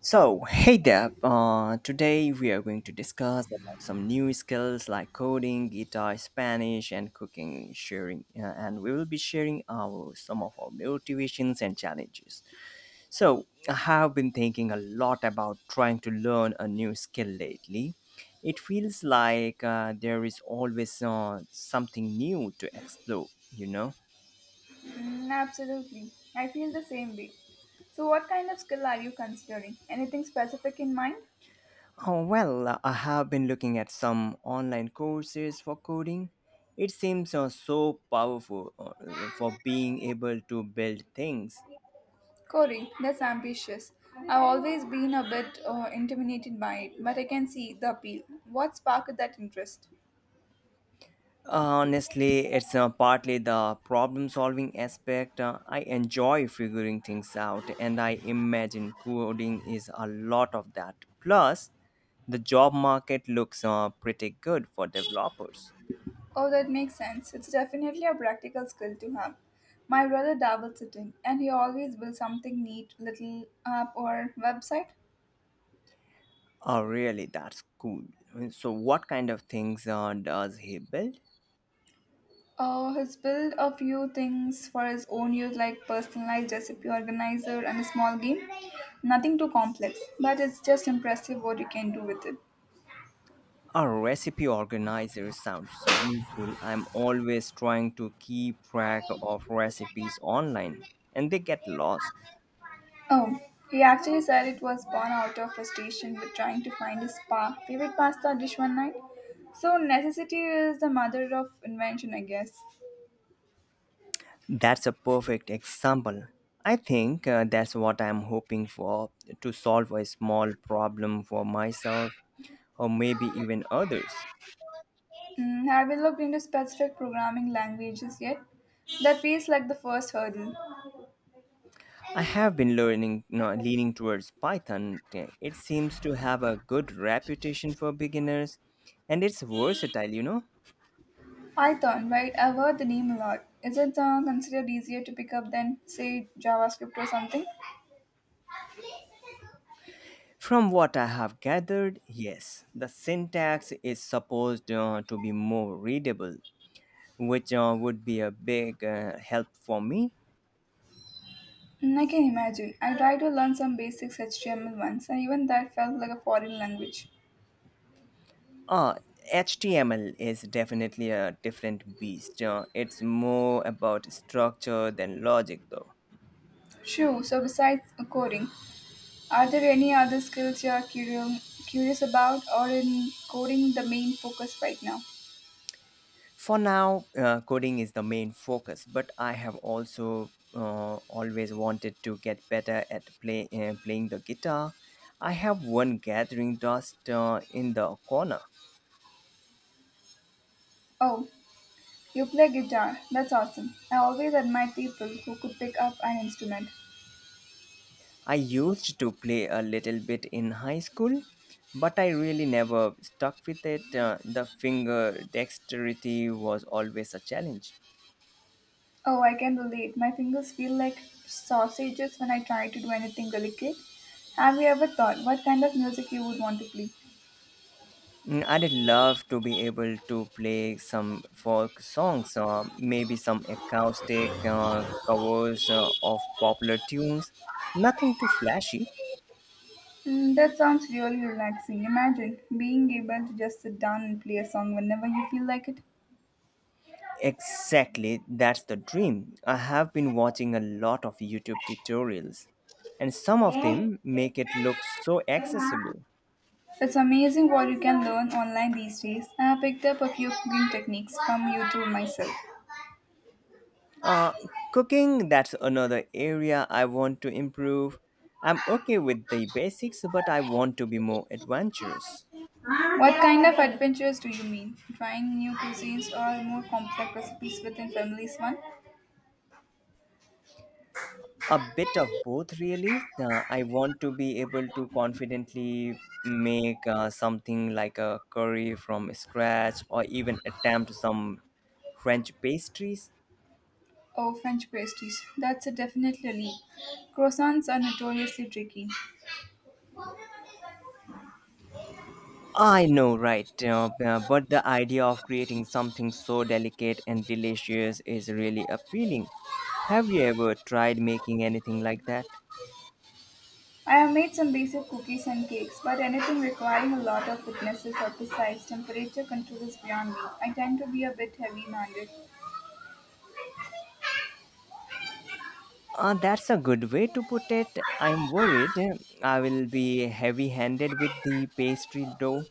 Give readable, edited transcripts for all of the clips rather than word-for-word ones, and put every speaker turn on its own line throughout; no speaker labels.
So, hey there. Today we are going to discuss about some new skills like coding, guitar, Spanish, and cooking. Sharing, and we will be sharing our some of our motivations and challenges. So, I have been thinking a lot about trying to learn a new skill lately. It feels like there is always something new to explore.
Mm, absolutely. I feel the same way. So, what kind of skill are you considering? Anything specific in mind?
Oh, well, I have been looking at some online courses for coding. It seems so powerful for being able to build things.
Corey, that's ambitious. I've always been a bit intimidated by it, but I can see the appeal. What sparked that interest?
Uh, Honestly, it's partly the problem solving aspect. I enjoy figuring things out, and I imagine coding is a lot of that. Plus, the job market looks pretty good for developers.
Oh, that makes sense. It's definitely a practical skill to have. My brother dabbles it in, and he always builds something neat, little app or website.
Oh, really? That's cool. So, what kind of things does he build?
He's built a few things for his own use, like personalized recipe organizer and a small game. Nothing too complex, but it's just impressive what you can do with it.
A recipe organizer sounds useful. I'm always trying to keep track of recipes online and they get lost.
Oh, he actually said it was born out of frustration with trying to find his favorite pasta dish one night. So necessity is the mother of invention, I guess.
That's a perfect example. I think that's what I'm hoping for, to solve a small problem for myself or maybe even others.
Mm, have you looked into specific programming languages yet? That feels like the first hurdle.
I have been learning no, Leaning towards Python. It seems to have a good reputation for beginners and it's versatile.
Python, right? I've heard the name a lot. Is it considered easier to pick up than, say, JavaScript or something?
From what I have gathered, yes, the syntax is supposed to be more readable, which would be a big help for me.
Mm, I can imagine. I tried to learn some basics HTML once, and even that felt like a foreign language.
Uh, HTML is definitely a different beast. It's more about structure than logic, though.
Sure, so besides coding, are there any other skills you are curious about, or in coding the main focus right now?
For now, coding is the main focus, but I have also always wanted to get better at playing the guitar. I have one gathering dust in the corner.
Oh, you play guitar. That's awesome. I always admire people who could pick up an instrument.
I used to play a little bit in high school, but I really never stuck with it. The finger dexterity was always a challenge.
Oh, I can relate. My fingers feel like sausages when I try to do anything delicate. Have you ever thought what kind of music you would want to play?
Mm, I'd love to be able to play some folk songs, maybe some acoustic covers of popular tunes. Nothing too flashy.
Mm, that sounds really relaxing. Imagine being able to just sit down and play a song whenever you feel like it.
Exactly, that's the dream. I have been watching a lot of YouTube tutorials, and some of them make it look so accessible.
It's amazing what you can learn online these days, and I have picked up a few cooking techniques from YouTube myself.
Uh, Cooking, that's another area I want to improve. I'm okay with the basics, but I want to be more adventurous.
What kind of adventures do you mean? Trying new cuisines or more complex recipes within families one?
A bit of both, really. I want to be able to confidently make something like a curry from scratch or even attempt some French pastries.
Oh, French pastries. That's a definitely a leap. Croissants are notoriously tricky.
I know, right? But the idea of creating something so delicate and delicious is really appealing. Have you ever tried making anything like that?
I have made some basic cookies and cakes, but anything requiring a lot of witnesses or precise temperature control is beyond me. I tend to be a bit heavy-handed.
That's a good way to put it. I'm worried I will be heavy handed with the pastry dough.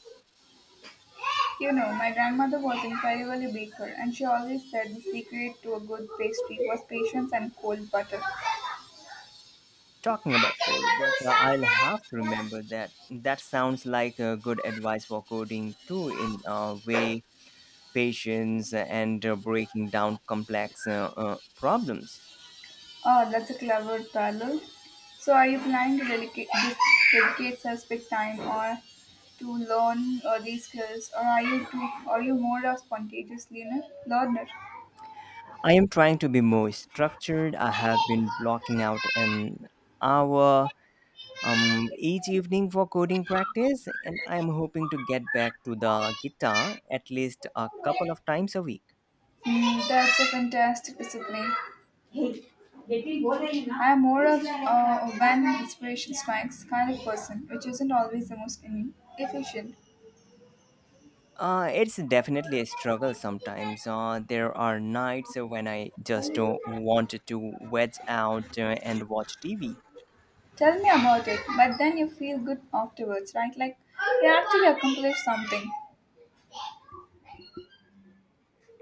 You know, my grandmother was incredibly baker, and she always said the secret to a good pastry was patience and cold butter.
Talking about code, but I'll have to remember that. That sounds like good advice for coding too, in a way, patience and breaking down complex problems.
Oh, that's a clever parallel. So, are you planning to dedicate specific time or to learn these skills, or are you more a spontaneous learner? Learner.
I am trying to be more structured. I have been blocking out an hour each evening for coding practice, and I am hoping to get back to the guitar at least a couple of times a week.
Mm, that's a fantastic discipline. I am more of a when inspiration strikes kind of person, which isn't always the most efficient.
It's definitely a struggle sometimes. There are nights when I just don't want to wedge out and watch TV.
Tell me about it, but then you feel good afterwards, right? Like you actually accomplished something.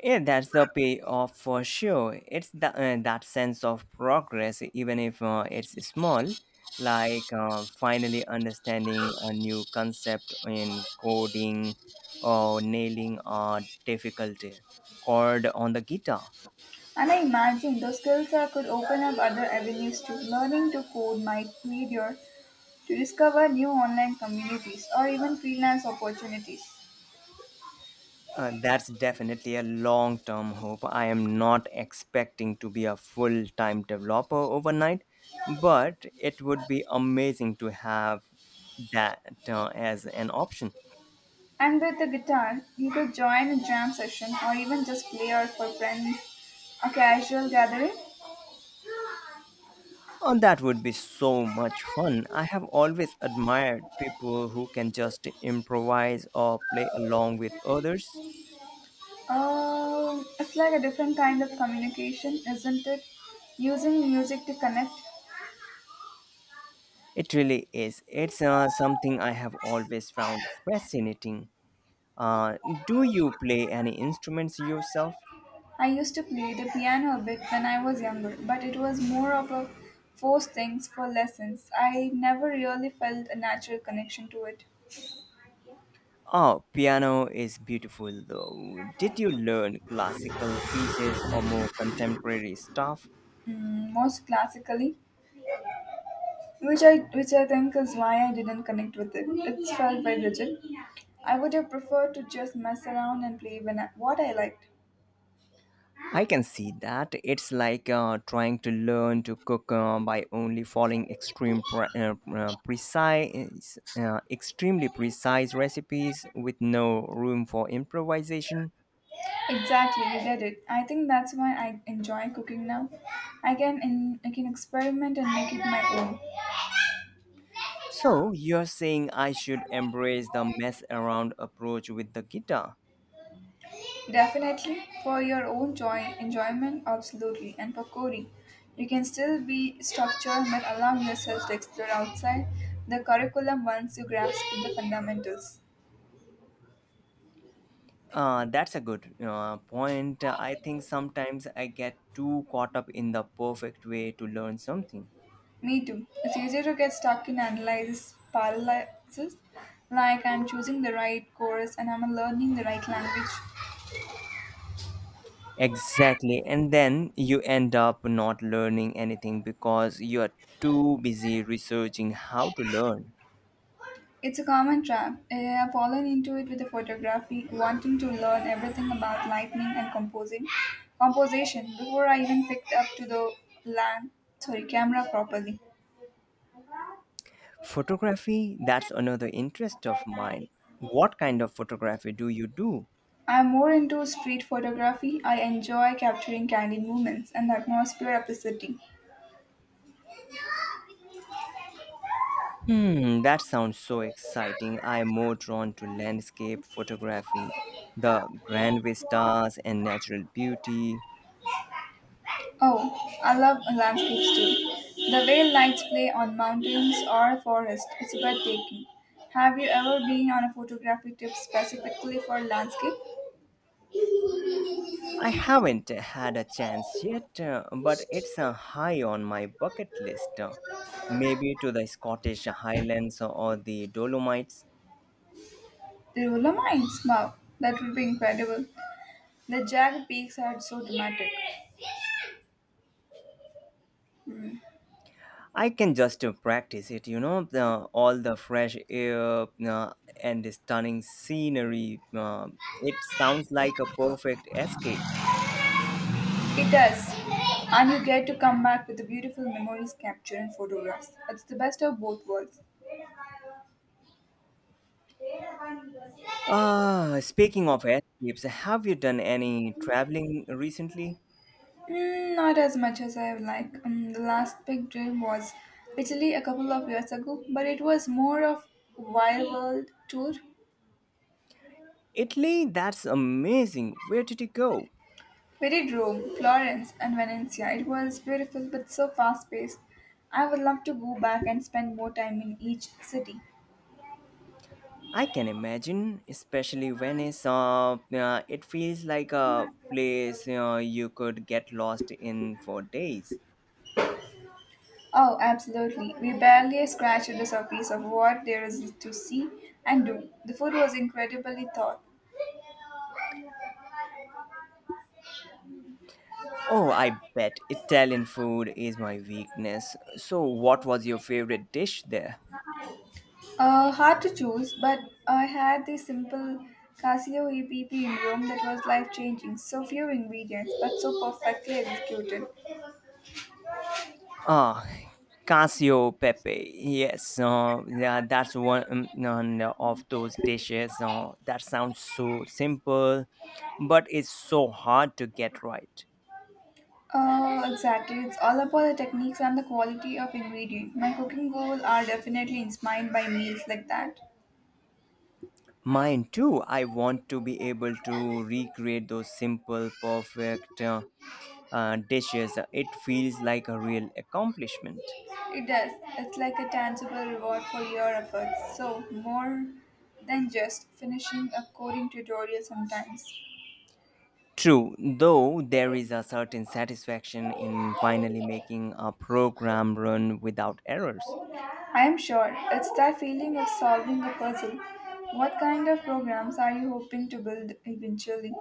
Yeah, that's the payoff for sure. It's that sense of progress, even if it's small, like finally understanding a new concept in coding or nailing a difficult chord on the guitar.
And I imagine those skills are, could open up other avenues to learning to code might lead you to discover new online communities or even freelance opportunities.
That's definitely a long term hope. I am not expecting to be a full time developer overnight, but it would be amazing to have that as an option.
And with the guitar, you could join a jam session or even just play out for friends, a casual gathering.
Oh, that would be so much fun. I have always admired people who can just improvise or play along with others.
It's like a different kind of communication, isn't it? Using music to connect.
It really is. It's something I have always found fascinating. Uh, do you play any instruments yourself?
I used to play the piano a bit when I was younger, but it was more of a forced things for lessons. I never really felt a natural connection to it.
Oh, piano is beautiful though. Did you learn classical pieces or more contemporary stuff?
Mm, most classically, which I think is why I didn't connect with it. It felt very rigid. I would have preferred to just mess around and play when what I liked.
I can see that. It's like trying to learn to cook by only following precise, extremely precise recipes with no room for improvisation.
Exactly, you did it. I think that's why I enjoy cooking now. I can experiment and make it my own.
So you're saying I should embrace the mess around approach with the guitar?
Definitely for your own joy enjoyment, absolutely, and for Corey, you can still be structured but allow yourself to explore outside the curriculum once you grasp the fundamentals.
That's a good point. I think sometimes I get too caught up in the perfect way to learn something.
Me too. It's easier to get stuck in analysis paralysis, like I'm choosing the right course and I'm learning the right language.
Exactly. And then you end up not learning anything because you are too busy researching how to learn.
It's a common trap. I have fallen into it with the photography, wanting to learn everything about lighting and composition before I even picked up to the land, camera properly.
Photography, that's another interest of mine. What kind of photography do you do?
I'm more into street photography. I enjoy capturing candid moments and the atmosphere of the city.
Hmm, that sounds so exciting. I am more drawn to landscape photography, the grand vistas and natural beauty.
Oh, I love landscapes too. The way lights play on mountains or forest, it's breathtaking. Have you ever been on a photography trip specifically for landscape?
I haven't had a chance yet, but it's a high on my bucket list. Maybe to the Scottish Highlands or the Dolomites.
The Dolomines? Wow, that would be incredible. The jagged peaks are so dramatic.
I can just practice it, all the fresh air uh, and the stunning scenery. It sounds like a perfect escape.
It does. And you get to come back with the beautiful memories captured in photographs. It's the best of both worlds.
Ah, speaking of escapes, have you done any traveling recently?
Mm, not as much as I would like. The last big dream was literally a couple of years ago, but it was more of wild world tour.
Italy, that's amazing. Where did you go?
We did Rome, Florence, and Venice. It was beautiful but so fast paced. I would love to go back and spend more time in each city.
I can imagine, especially Venice. It feels like a place you could get lost in for days.
Oh, absolutely. We barely scratched the surface of what there is to see and do. The food was incredibly thought.
Oh, I bet Italian food is my weakness. So, what was your favorite dish there?
Hard to choose, but I had the simple Casio EPP in Rome that was life changing. So few ingredients, but so perfectly executed.
Ah, Casio Pepe. Yes, yeah, that's one none of those dishes. That sounds so simple, but it's so hard to get right.
Exactly. It's all about the techniques and the quality of ingredient. My cooking goals are definitely inspired by meals like that.
Mine too. I want to be able to recreate those simple, perfect dishes. It feels like a real accomplishment.
It does. It's like a tangible reward for your efforts. So, more than just finishing a coding tutorial sometimes.
True, though there is a certain satisfaction in finally making a program run without errors.
I am sure it's that feeling of solving a puzzle. What kind of programs are you hoping to build eventually?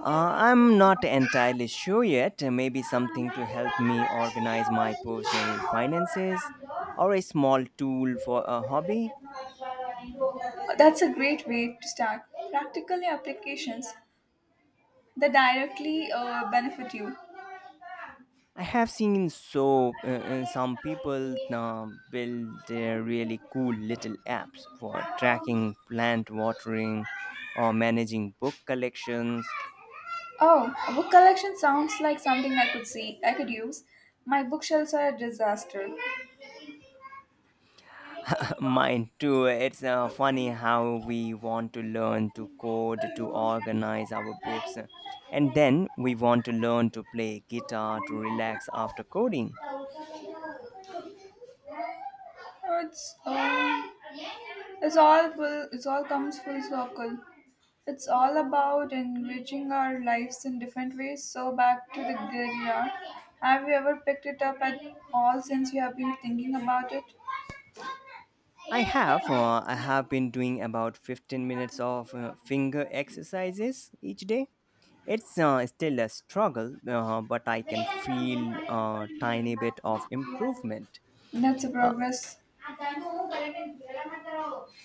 I'm not entirely sure yet. Maybe something to help me organize my personal finances or a small tool for a hobby.
That's a great way to start. Practical applications that directly benefit you.
I have seen so Some people now build their really cool little apps for tracking plant watering or managing book collections.
Oh, a book collection sounds like something I could use. My bookshelves are a disaster.
Mine too. It's funny how we want to learn to code to organize our books, and then we want to learn to play guitar to relax after coding.
It's it's all comes full circle. It's all about enriching our lives in different ways. So back to the guitar. Have you ever picked it up at all since you have been thinking about it?
I have. I have been doing about 15 minutes of finger exercises each day. It's still a struggle, but I can feel a tiny bit of improvement.
That's a
Uh,
progress.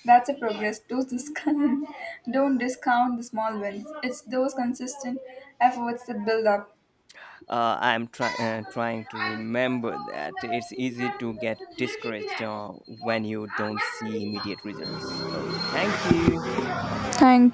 That's a progress. Don't discount, don't discount the small wins. It's those consistent efforts that build up.
trying to remember that it's easy to get discouraged when you don't see immediate results. So, thank you.
Thank you.